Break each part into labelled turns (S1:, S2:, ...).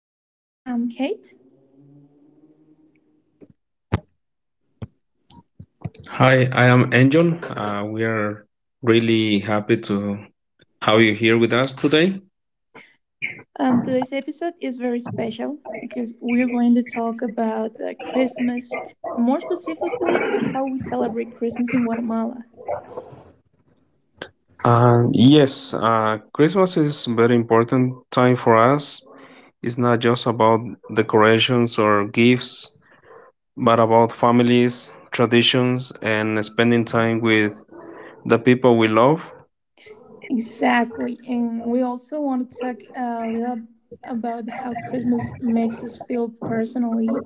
S1: podcast. I'm Kate.
S2: Hi, I am Enjon. We are really happy to have you here with us today.
S1: Today's episode is very special because we're going to talk about Christmas, more specifically, how we celebrate Christmas in Guatemala.
S2: Yes, Christmas is very important time for us. It's not just about decorations or gifts, but about families, traditions, and spending time with the people we love.
S1: Exactly, and we also want to talk a little about how Christmas makes us feel personally,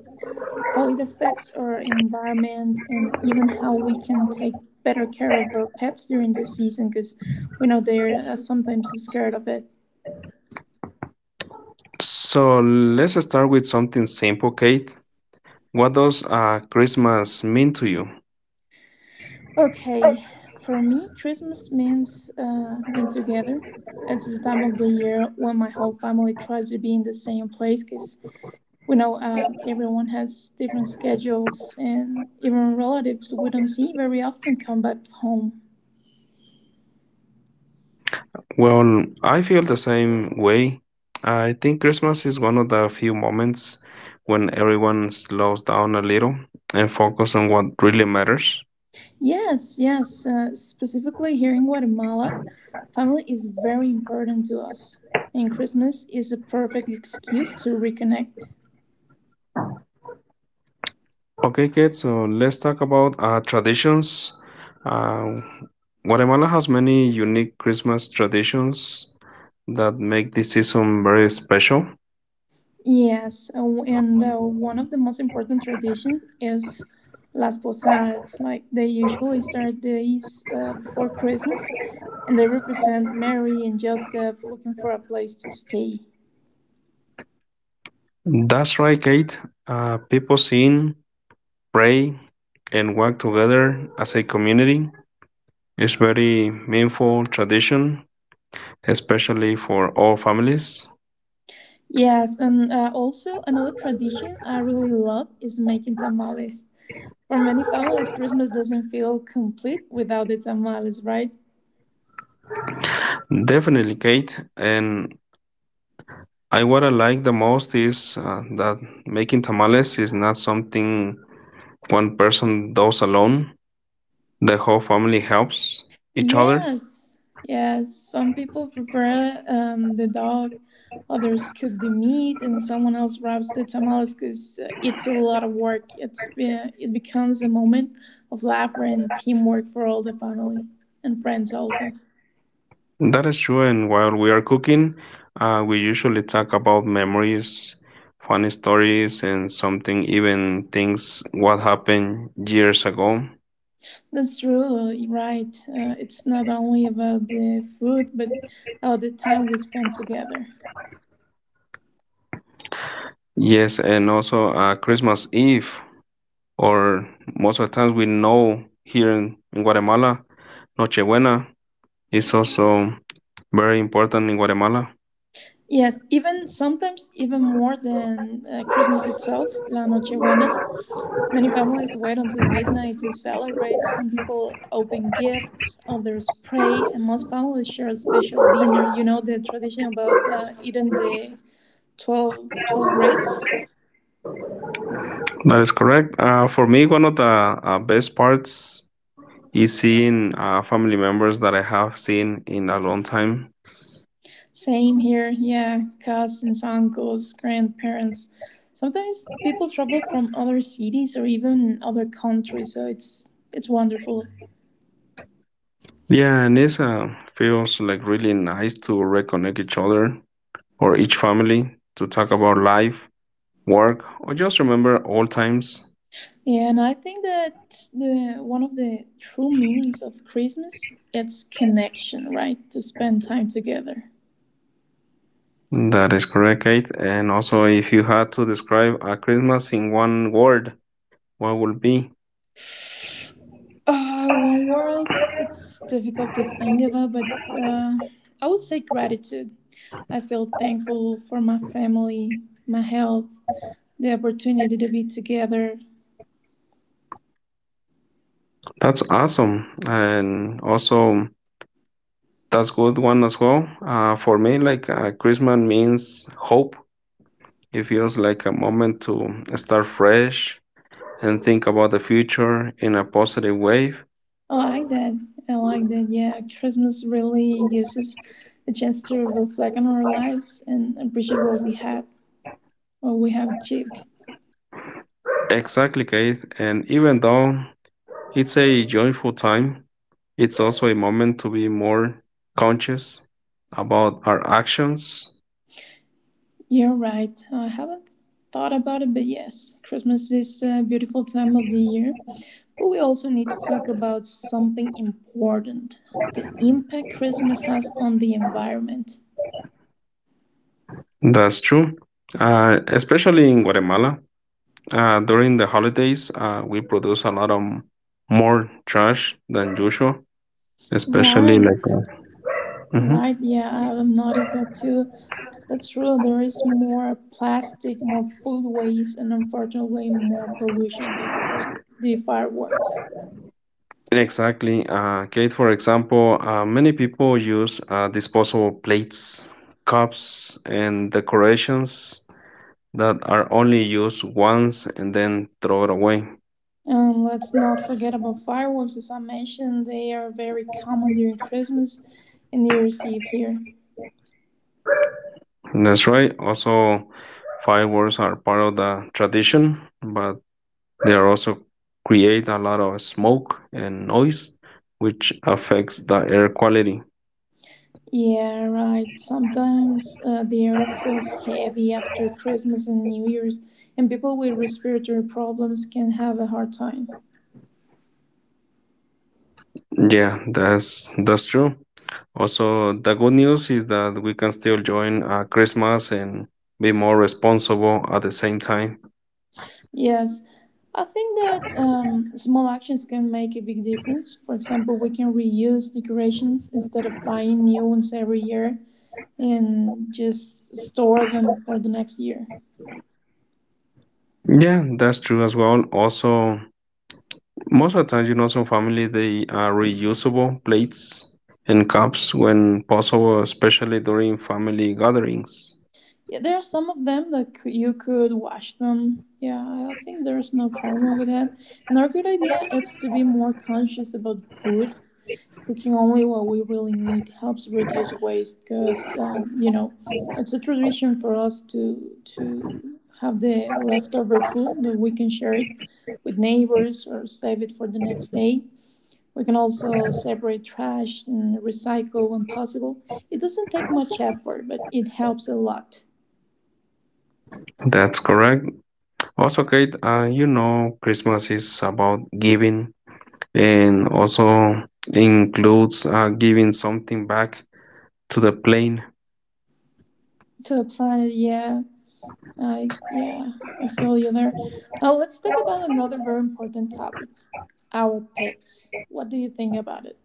S1: how it affects our environment, and even how we can take better care of our pets during this season because we know they're sometimes scared of it.
S2: So let's start with something simple, Kate. What does Christmas mean to you?
S1: Okay, for me, Christmas means being together. It's the time of the year when my whole family tries to be in the same place because we know everyone has different schedules, and even relatives we don't see very often come back home.
S2: Well, I feel the same way. I think Christmas is one of the few moments when everyone slows down a little and focus on what really matters.
S1: Yes, yes, specifically here in Guatemala, family is very important to us, and Christmas is a perfect excuse to reconnect.
S2: Okay, kids, so let's talk about traditions. Uh, Guatemala has many unique Christmas traditions that make this season very special.
S1: Yes, and one of the most important traditions is Las Posadas. Like they usually start days before Christmas, and they represent Mary and Joseph looking for a place to stay.
S2: That's right, Kate. People sing, pray, and work together as a community. It's very meaningful tradition especially for all families.
S1: Yes, and also another tradition I really love is making tamales. For many families, Christmas doesn't feel complete without the tamales, right?
S2: Definitely, Kate. And I what I like the most is that making tamales is not something one person does alone. The whole family helps each other.
S1: Yes, yes. Some people prepare the dog, others cook the meat, and someone else wraps the tamales because it's a lot of work. It becomes a moment of laughter and teamwork for all the family and friends also.
S2: That is true. And while we are cooking, we usually talk about memories, funny stories, and something even things what happened years ago.
S1: That's true, you're right. It's not only about the food, but about the time we spend together.
S2: Yes, and also Christmas Eve. Or most of the times we know here in Guatemala, Nochebuena is also very important in Guatemala.
S1: Yes, even sometimes even more than Christmas itself. La Nochebuena, many families wait until midnight to celebrate. Some people open gifts, others pray, and most families share a special dinner. You know the tradition about eating the twelve grapes?
S2: That is correct. For me, one of the best parts is seeing family members that I have seen in a long time.
S1: Same here, yeah. Cousins, uncles, grandparents. Sometimes people travel from other cities or even other countries, so it's wonderful.
S2: Yeah, and it feels like really nice to reconnect each other or each family to talk about life, work, or just remember old times.
S1: And I think that the one of the true meanings of Christmas it's connection, right? To spend time together.
S2: That is correct, Kate. And also, if you had to describe a Christmas in one word, what would be?
S1: One world, it's difficult to think about, but uh, I would say gratitude. I feel thankful for my family, my health, the opportunity to be together.
S2: That's awesome, and also that's good one as well. For me, like Christmas means hope. It feels like a moment to start fresh and think about the future in a positive way.
S1: I like that. I like that. Yeah, Christmas really gives us a chance to reflect on our lives and appreciate what we have achieved.
S2: Exactly, Kate. And even though it's a joyful time, it's also a moment to be more conscious about our actions.
S1: You're right. I haven't thought about it, but yes, Christmas is a beautiful time of the year. But we also need to talk about something important: the impact Christmas has on the environment.
S2: That's true. Especially in Guatemala, during the holidays, we produce a lot of more trash than usual, especially
S1: Right,
S2: like. Mhm.
S1: right. Yeah, I've noticed that too. That's true. There is more plastic, more food waste, and unfortunately, more pollution due to the fireworks.
S2: Exactly. Kate, for example, many people use disposable plates, cups, and decorations that are only used once and then throw it away.
S1: And let's not forget about fireworks. As I mentioned, they are very common during Christmas and New Year's Eve here.
S2: That's right. Also, fireworks are part of the tradition, but they are also create a lot of smoke and noise, which affects the air quality.
S1: Yeah, right. Sometimes the air feels heavy after Christmas and New Year's, and people with respiratory problems can have a hard time.
S2: Yeah, that's true. Also, the good news is that we can still join Christmas and be more responsible at the same time.
S1: Yes, I think that small actions can make a big difference. For example, we can reuse decorations instead of buying new ones every year and just store them for the next year.
S2: Yeah, that's true as well. Also, most of the time, some family they are reusable plates and cups when possible, especially during family gatherings.
S1: Yeah, there are some of them that you could wash them. Yeah, I think there's no problem with that. Another good idea is to be more conscious about food. Cooking only what we really need helps reduce waste because, it's a tradition for us to have the leftover food that we can share it with neighbors or save it for the next day. We can also separate trash and recycle when possible. It doesn't take much effort, but it helps a lot
S2: That's correct. Also, Kate, Christmas is about giving and also includes giving something back to the plane.
S1: to the planet. Yeah, I feel you there. Now let's talk about another very important topic: our pets. What do you think about it?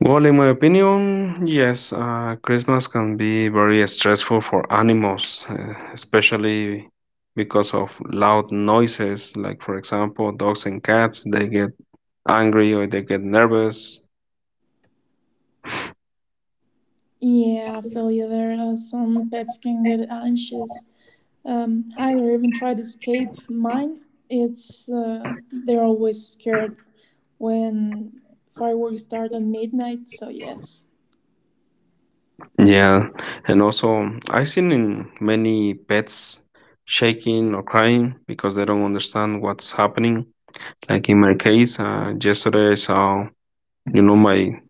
S2: Well, in my opinion, yes, Christmas can be very stressful for animals, especially because of loud noises. Like, for example, dogs and cats, they get angry or they get nervous.
S1: Yeah, I feel you there. Some pets can get anxious, hide, or even try to escape. Mine, it's they're always scared when fireworks start at midnight. So yes,
S2: Yeah, and also I've seen in many pets shaking or crying because they don't understand what's happening. Like in my case, yesterday I saw, my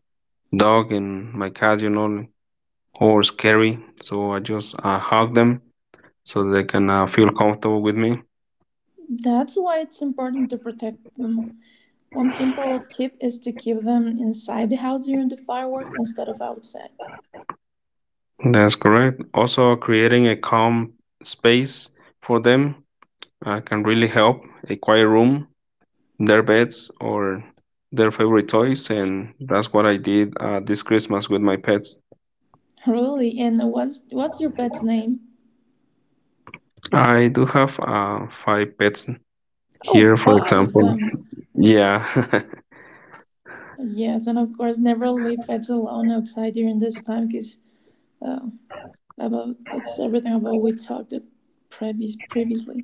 S2: dog and my cat, all scary. So I just hug them so they can feel comfortable with me.
S1: that's why it's important to protect them. One simple tip is to keep them inside the house during the fireworks instead of outside.
S2: That's correct. Also, creating a calm space for them can really help. A quiet room their pets or their favorite toys, and that's what I did this Christmas with my pets.
S1: Really? And what's your pet's name?
S2: I do have five pets
S1: Oh,
S2: here, for
S1: five of
S2: example.
S1: them.
S2: Yeah,
S1: Yes, and of course, never leave pets alone outside during this time, because uh, about it's everything about we talked the previously.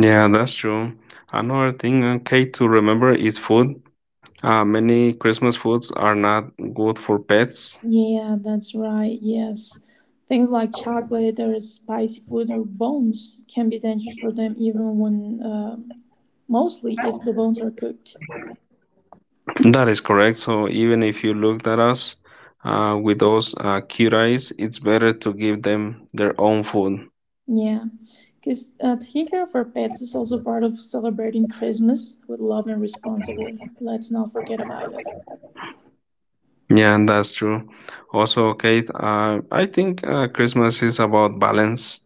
S2: yeah, that's true. Another thing, okay, to remember is food. Many Christmas foods are not good for pets.
S1: Yeah, that's right. Yes, things like chocolate or spicy food or bones can be dangerous for them, even when mostly if the bones are cooked.
S2: That is correct. So even if you looked at us with those cute eyes, it's better to give them their own food.
S1: Yeah, because taking care of our pets is also part of celebrating Christmas with love and responsibly. Let's not forget about it.
S2: Yeah, and that's true. Also, Kate, I think Christmas is about balance.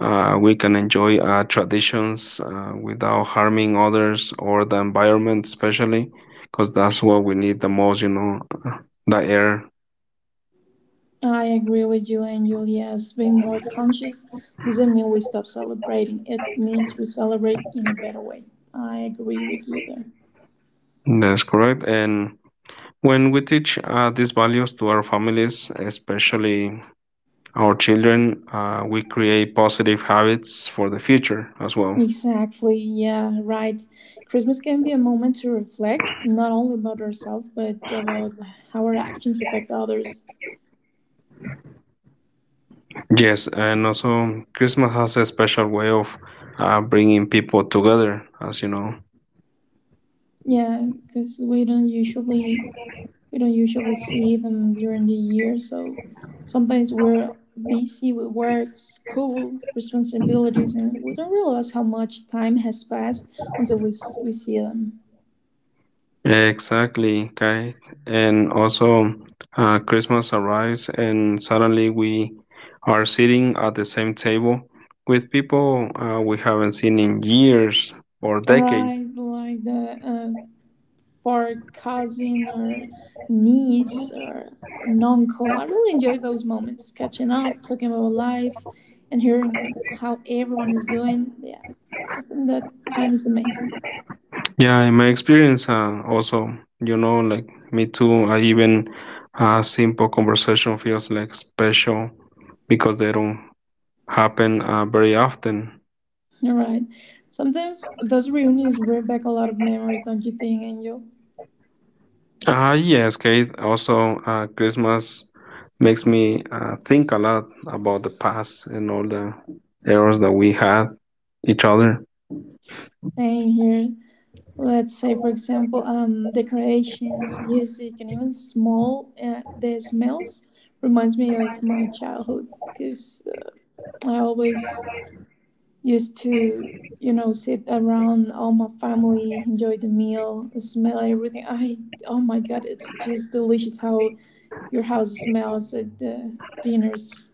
S2: We can enjoy traditions without harming others or the environment, especially because that's what we need the most, the air.
S1: I agree with you, Angel. Yes, being more conscious doesn't mean we stop celebrating. It means we celebrate in a better way. I agree with you there.
S2: That's correct. And when we teach these values to our families, especially our children, we create positive habits for the future as well.
S1: Exactly, yeah, right. Christmas can be a moment to reflect, not only about ourselves, but about how our actions affect others.
S2: Yes, and also Christmas has a special way of bringing people together, as you know.
S1: Yeah, because we don't usually see them during the year, so sometimes we're busy with work, school, responsibilities, and we don't realize how much time has passed until we see them.
S2: Exactly, Kai. And also, Christmas arrives, and suddenly we are sitting at the same table with people we haven't seen in years or decades.
S1: Right, like the far cousin or niece or an uncle. I really enjoy those moments, catching up, talking about life, and hearing how everyone is doing. Yeah, I think that time is amazing.
S2: Yeah, in my experience, like me too, I even a simple conversation feels like special because they don't happen very often.
S1: You're right. Sometimes those reunions bring back a lot of memories, don't you think, Angel?
S2: Yes, Kate. Also, Christmas makes me think a lot about the past and all the errors that we had each other.
S1: Same here. Let's say, for example, decorations, music, and even small the smells reminds me of my childhood because I always used to, you know, sit around all my family, enjoy the meal, smell everything. I oh my god, it's just delicious how your house smells at the dinners.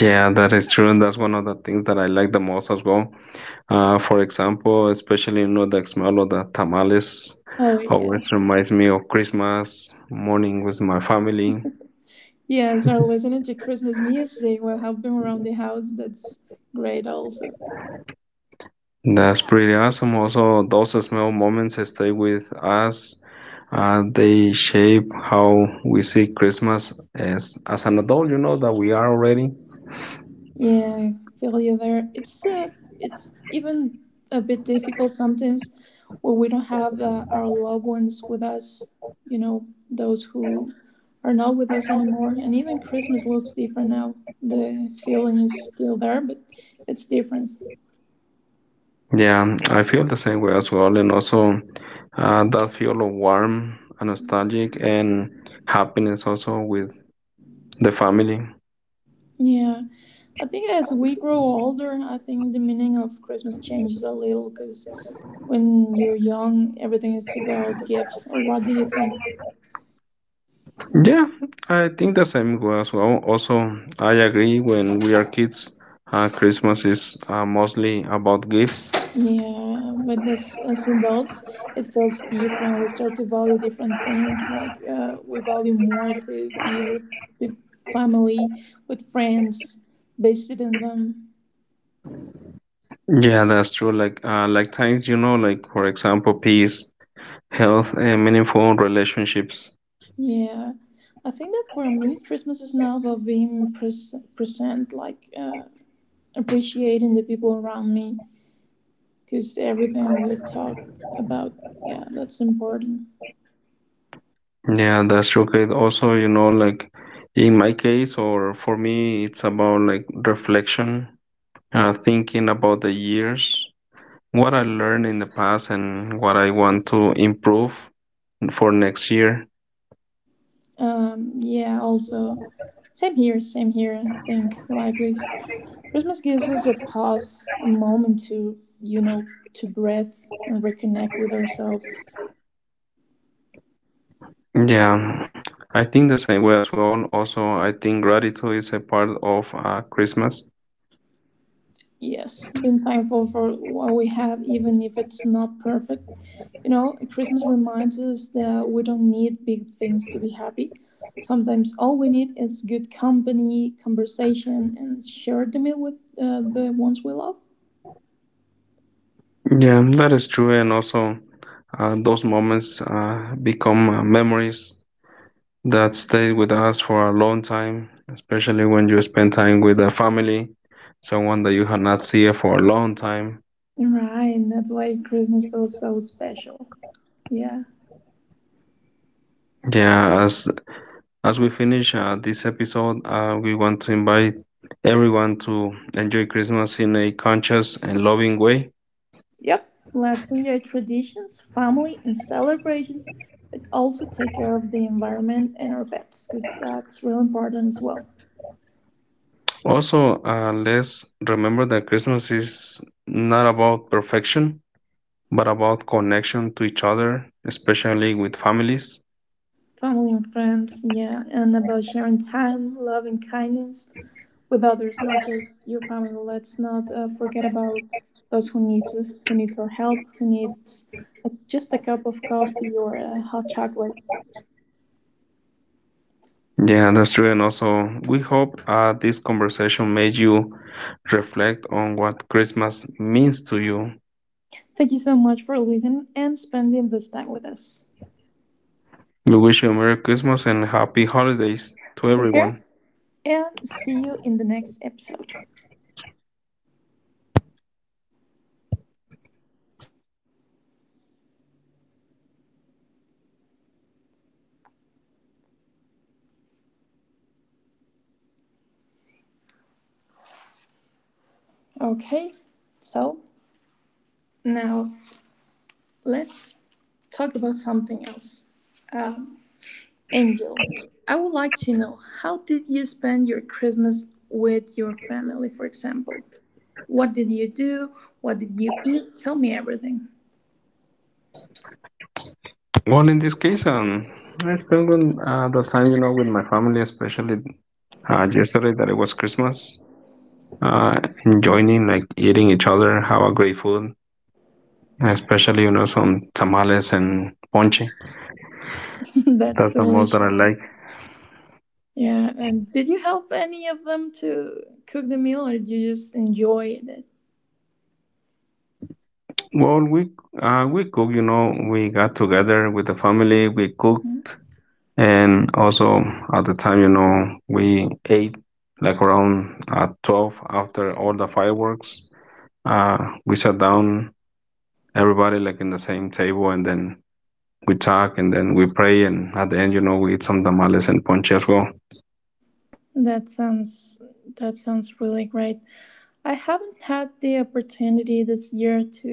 S2: Yeah, that is true, and that's one of the things that I like the most as well. For example, especially the smell of the tamales
S1: Oh
S2: always
S1: yeah.
S2: reminds me of Christmas morning with my family.
S1: Yes, or listening to Christmas music while helping around the house. That's great also.
S2: That's pretty awesome. Also, those small moments stay with us. They shape how we see Christmas as an adult. You know that we are already.
S1: Yeah, feel you there. It's even a bit difficult sometimes where we don't have our loved ones with us, you know, those who are not with us anymore. And even Christmas looks different now. The feeling is still there, but it's different.
S2: Yeah, I feel the same way as well, and also that feel of warm and nostalgic and happiness also with the family.
S1: Yeah, I think as we grow older, I think the meaning of Christmas changes a little because when you're young, everything is about gifts. What do you think?
S2: Yeah, I think the same way as well. Also, I agree. When we are kids, Christmas is mostly about gifts.
S1: Yeah, but as adults, it feels different. We start to value different things. Like we value more to be with family, with friends, based in them.
S2: Yeah, that's true. Like times, like for example, peace, health, and meaningful relationships.
S1: Yeah, I think that for me, Christmas is now about being present, like appreciating the people around me, because everything we talk about, yeah, that's important.
S2: Yeah, that's true. 'Cause also, like in my case or for me, it's about like reflection, thinking about the years, what I learned in the past, and what I want to improve for next year.
S1: Yeah, also, same here, I think, likewise. Christmas gives us a pause, a moment to, you know, to breathe and reconnect with ourselves.
S2: Yeah, I think the same way as well. Also, I think gratitude is a part of Christmas.
S1: Yes, being thankful for what we have, even if it's not perfect. You know, Christmas reminds us that we don't need big things to be happy. Sometimes all we need is good company, conversation, and share the meal with the ones we love.
S2: Yeah, that is true. And also, those moments become memories that stay with us for a long time, especially when you spend time with a family, someone that you have not seen for a long time.
S1: Right, that's why Christmas feels so special. Yeah.
S2: Yeah, as we finish this episode, we want to invite everyone to enjoy Christmas in a conscious and loving way.
S1: Yep. Let's enjoy traditions, family, and celebrations, but also take care of the environment and our pets because that's real important as well.
S2: Also, let's remember that Christmas is not about perfection but about connection to each other, especially with families.
S1: Family and friends, yeah, and about sharing time, love, and kindness with others, not just your family. Let's not forget about those who need us, who need our help, who needs just a cup of coffee or a hot chocolate.
S2: Yeah, that's true. And also, we hope this conversation made you reflect on what Christmas means to you.
S1: Thank you so much for listening and spending this time with us.
S2: We wish you a Merry Christmas and Happy Holidays to
S1: Take care
S2: everyone.
S1: and see you in the next episode. Okay, so now let's talk about something else. Uh, Angel, I would like to know how did you spend your Christmas with your family, for example? What did you do? What did you eat? Tell me everything.
S2: Well, in this case, I spent on, the time, with my family, especially yesterday that it was Christmas, uh, enjoying, like, eating each other, have a great food, especially, some tamales and ponche.
S1: That's
S2: That's the most that I
S1: delicious.
S2: like.
S1: Yeah, and did you help any of them to cook the meal, or did you just enjoy it?
S2: Well, we cook. We got together with the family. We
S1: Mm-hmm.
S2: cooked, and also at the time, we ate like around 12 after all the fireworks. Uh, we sat down, everybody like in the same table, and then we talk, and then we pray, and at the end, we eat some tamales and ponche as well.
S1: That sounds that sounds really great. I haven't had the opportunity this year to,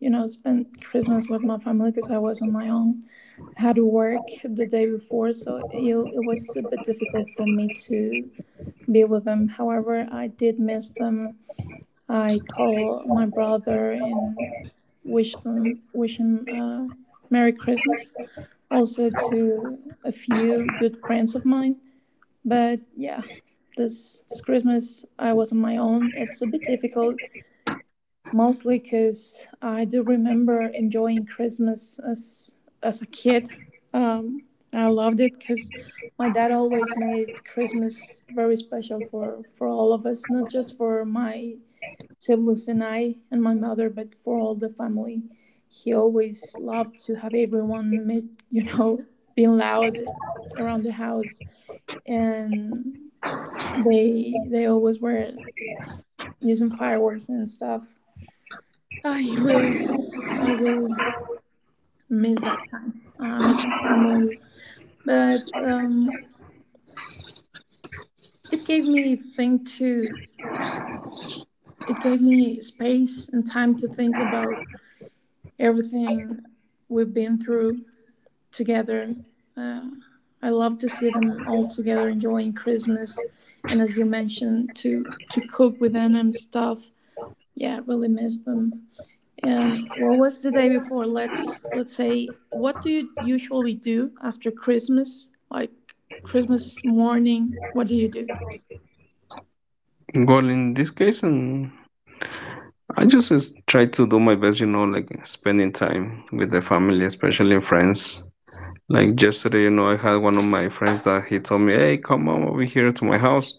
S1: you know, spend Christmas with my family because I was on my own. I had to work the day before, so it was a bit difficult for me to be with them. However, I did miss them. I call my brother and wish him Merry Christmas. Also to a few good friends of mine. But yeah, this Christmas I was on my own. It's a bit difficult mostly because I do remember enjoying Christmas as a kid. Um, I loved it because my dad always made Christmas very special for all of us, not just for my siblings and I and my mother, but for all the family. He always loved to have everyone make you know being loud around the house, and they always were using fireworks and stuff. I really, I really miss that time, miss my family. But it gave me think to, it gave me space and time to think about everything we've been through together. Uh, I love to see them all together enjoying Christmas, and as you mentioned, to cook with them and stuff. Yeah, I really miss them. And what was the day before? Let's say, what do you usually do after Christmas? Like Christmas morning, what do you do?
S2: Well, in this case, and I just is- try to do my best, like spending time with the family, especially friends. Like yesterday, I had one of my friends that he told me, "Hey, come on over here to my house."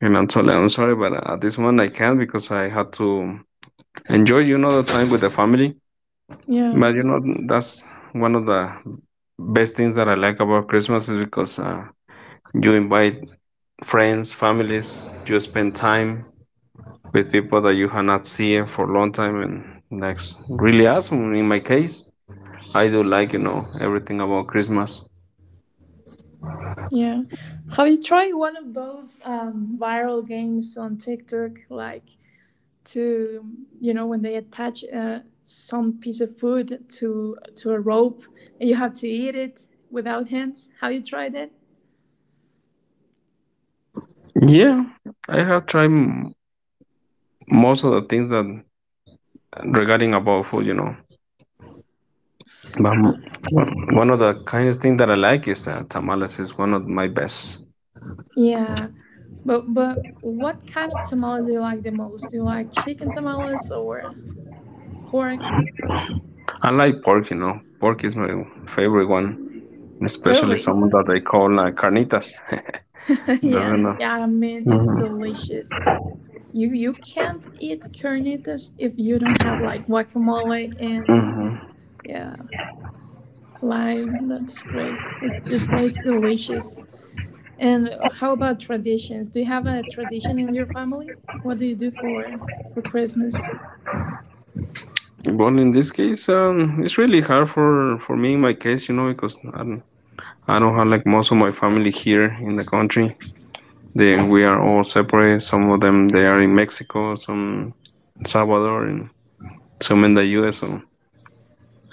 S2: And I'm totally, I'm sorry, but at this moment I can't because I had to enjoy, the time with the family.
S1: Yeah,
S2: But that's one of the best things that I like about Christmas is because you invite friends, families, you spend time with people that you have not seen for a long time, and that's really awesome. In my case, I do like, everything about Christmas.
S1: yeah. Have you tried one of those viral games on TikTok, like to when they attach some piece of food to a rope and you have to eat it without hands? Have you tried it?
S2: Yeah, I have tried most of the things that regarding about food, but
S1: Oh,
S2: one of the kindest thing that I like is tamales is one of my best.
S1: yeah, but what kind of tamales do you like the most? Do you like chicken tamales or pork?
S2: I like pork, pork is my favorite one, especially
S1: Really?
S2: some that they call carnitas. That
S1: Yeah,
S2: I know.
S1: yeah. I mean, it's delicious. You can't eat carnitas if you don't have like guacamole and yeah lime. That's great. It tastes delicious. And how about traditions? Do you have a tradition in your family? What do you do for Christmas?
S2: But in this case, it's really hard for me in my case, because I don't have like most of my family here in the country. They we are all separate. Some of them they are in Mexico, some Salvador, and some in the U.S. So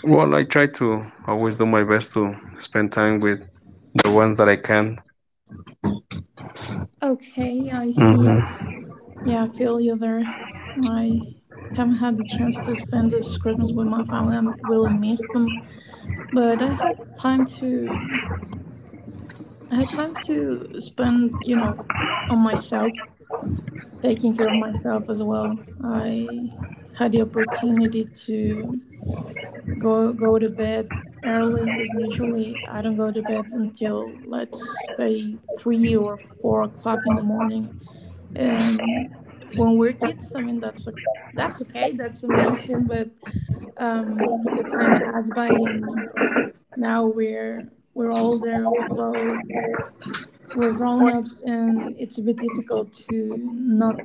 S2: well, I try to always do my best to spend time with the ones that I can.
S1: Okay, I see.
S2: Mm-hmm.
S1: Yeah, I feel you there. I haven't had the chance to spend this Christmas with my family. I really miss them, but I had time to spend, you know, on myself, taking care of myself as well. I had the opportunity to go to bed early because usually I don't go to bed until let's say 3 or 4 o'clock in the morning. And when we're kids, I mean that's okay, that's amazing, but the time passed by and now we're older, we're grown-ups and it's a bit difficult to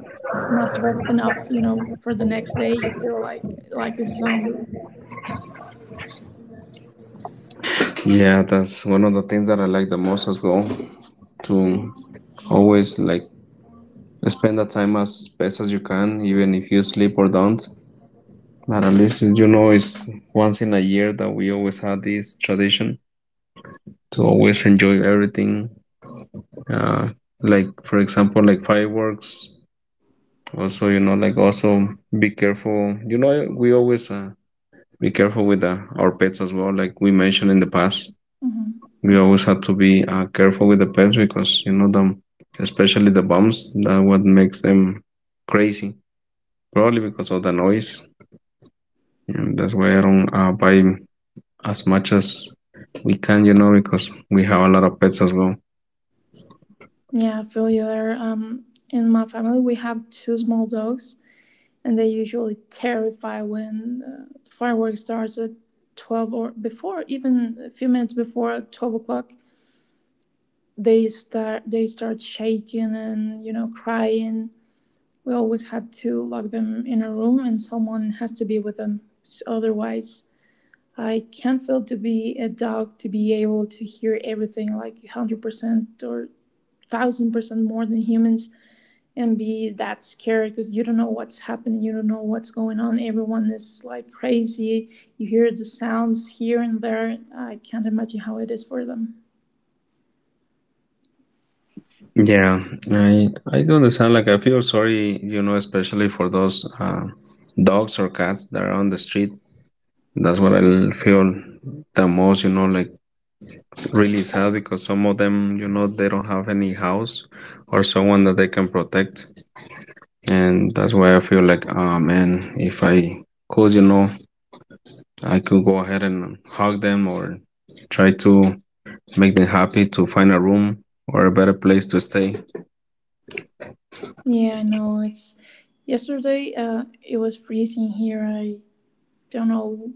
S1: not rest enough, you know, for the next day you feel like a zombie.
S2: Yeah, that's one of the things that I like the most as well. To always like spend the time as best as you can, even if you sleep or don't. But at least you know it's once in a year that we always have this tradition to always enjoy everything. Uh, like for example, like fireworks. Also, like also be careful. You know, we always be careful with our pets as well. Like we mentioned in the past,
S1: Mm-hmm.
S2: we always have to be careful with the pets because you know them, especially the bums. That what makes them crazy, probably because of the noise. And that's why I don't buy as much as we can, because we have a lot of pets as well.
S1: Yeah, I feel you there. In my family we have two small dogs and they usually terrify when the fireworks starts at 12 or before, even a few minutes before, at 12 o'clock they start shaking and, you know, crying. We always have to lock them in a room and someone has to be with them. Otherwise, I can't feel to be a dog, to be able to hear everything like 100% or 1000% more than humans and be that scary, because you don't know what's happening, you don't know what's going on. Everyone is like crazy. You hear the sounds here and there. I can't imagine how it is for them.
S2: Yeah, I do understand. Like I feel sorry, especially for those dogs or cats that are on the street. That's what I feel the most, like really sad because some of them, they don't have any house or someone that they can protect. And that's why I feel like, ah, man, if I could, I could go ahead and hug them or try to make them happy to find a room or a better place to stay.
S1: Yeah, I know. It's yesterday. It was freezing here. I don't know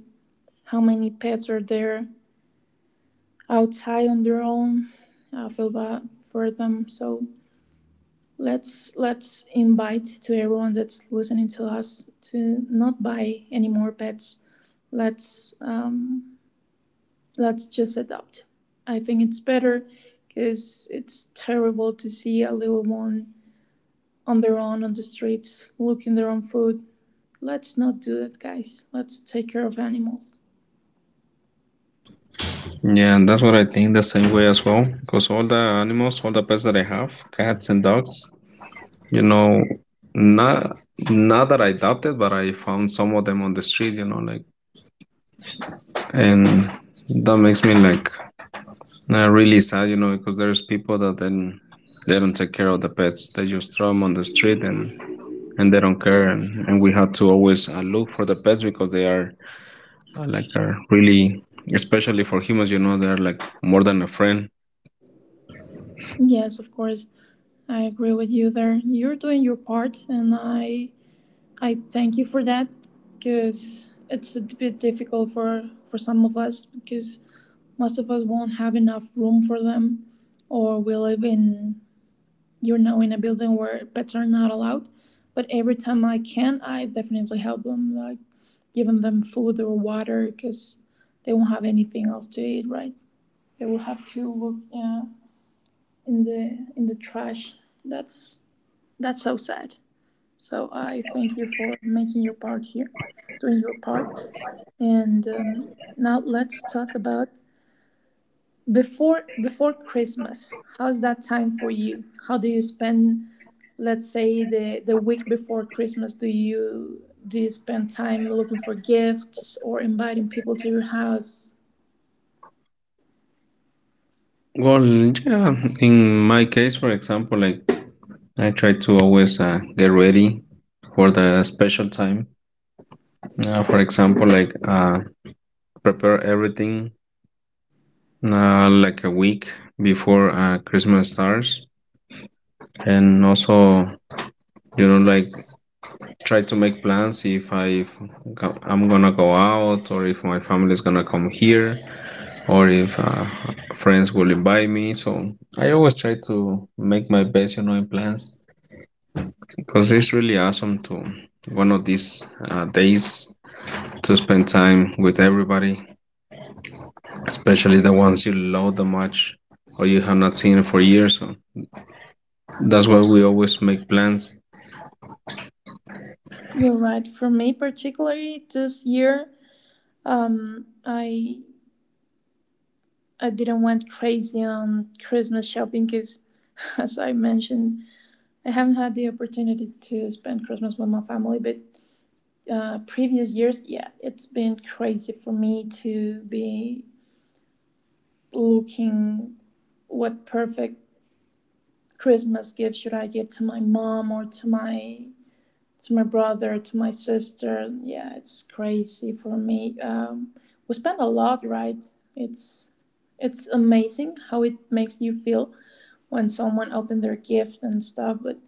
S1: how many pets are there outside on their own. I feel bad for them. So let's invite to everyone that's listening to us to not buy any more pets. Let's um, let's just adopt. I think it's better because it's terrible to see a little one on their own on the streets looking their own food. Let's not do that, guys. Let's take care of animals.
S2: Yeah, and that's what I think the same way as well. Because all the animals, all the pets that I have, cats and dogs, you know, not not that I adopted, but I found some of them on the street, like and that makes me like really sad because there's people that then they don't take care of the pets. They just throw them on the street and they don't care, and we have to always look for the pets because they are like are really especially for humans, you know. They're like more than a friend.
S1: Yes, of course. I agree with you there. You're doing your part, and I thank you for that, because it's a bit difficult for some of us because most of us won't have enough room for them, or we live in you're now in a building where pets are not allowed. But every time I can, I definitely help them, like giving them food or water, because they won't have anything else to eat, right? They will have to look in the trash. That's that's so sad. So I thank you for making your part here, doing your part, and now let's talk about before Christmas. How's that time for you? How do you spend, let's say, the week before Christmas? Do you spend time looking for gifts or inviting people to your house?
S2: Well, yeah, in my case for example, like I try to always get ready for the special time, for example like prepare everything like a week before Christmas starts, and also like try to make plans if I'm gonna go out or if my family is gonna come here or if friends will invite me. So I always try to make my best, in plans because it's really awesome to one of these days to spend time with everybody, especially the ones you love the much or you have not seen for years. So that's why we always make plans.
S1: You're right. For me, particularly this year, um, I I didn't went crazy on Christmas shopping because, as I mentioned, I haven't had the opportunity to spend Christmas with my family. But previous years, yeah, it's been crazy for me to be looking what perfect Christmas gift should I give to my mom or to my brother, to my sister? Yeah, it's crazy for me. We spend a lot, right? It's it's amazing how it makes you feel when someone opened their gift and stuff, but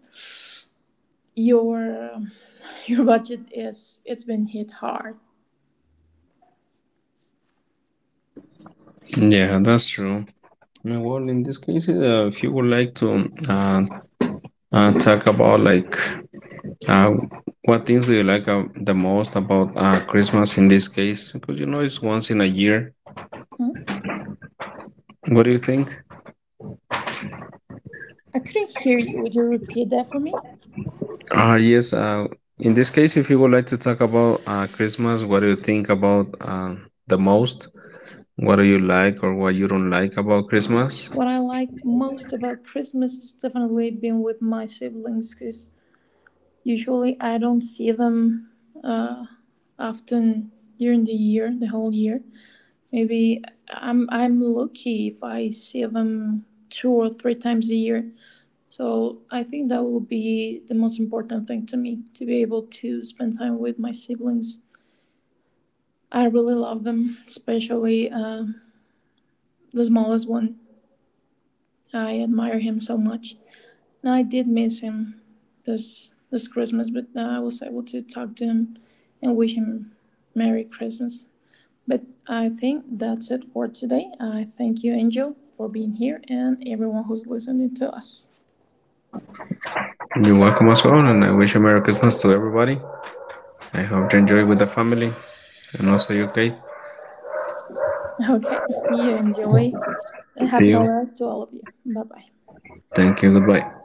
S1: your um, your budget is it's been hit hard.
S2: Yeah, that's true. Well in this case, if you would like to uh, talk about like uh, what things do you like the most about Christmas in this case, because you know it's once in a year.
S1: Huh?
S2: What do you think?
S1: I couldn't hear you. Would you repeat that for me?
S2: Yes. In this case, if you would like to talk about Christmas, what do you think about the most? What do you like or what you don't like about Christmas?
S1: What I like most about Christmas is definitely being with my siblings because usually, I don't see them uh, often during the year, the whole year. Maybe I'm lucky if I see them 2 or 3 times a year. So I think that will be the most important thing to me, to be able to spend time with my siblings. I really love them, especially the smallest one. I admire him so much. No, I did miss him this Christmas, but I was able to talk to him and wish him Merry Christmas. But I think that's it for today. I thank you, Angel, for being here and everyone who's listening to us.
S2: You're welcome as well, and I wish a Merry Christmas to everybody. I hope you enjoy with the family and also your cake.
S1: Okay, see you. Enjoy and
S2: See
S1: happy
S2: you.
S1: holidays to all of you. Bye bye.
S2: Thank you. Goodbye.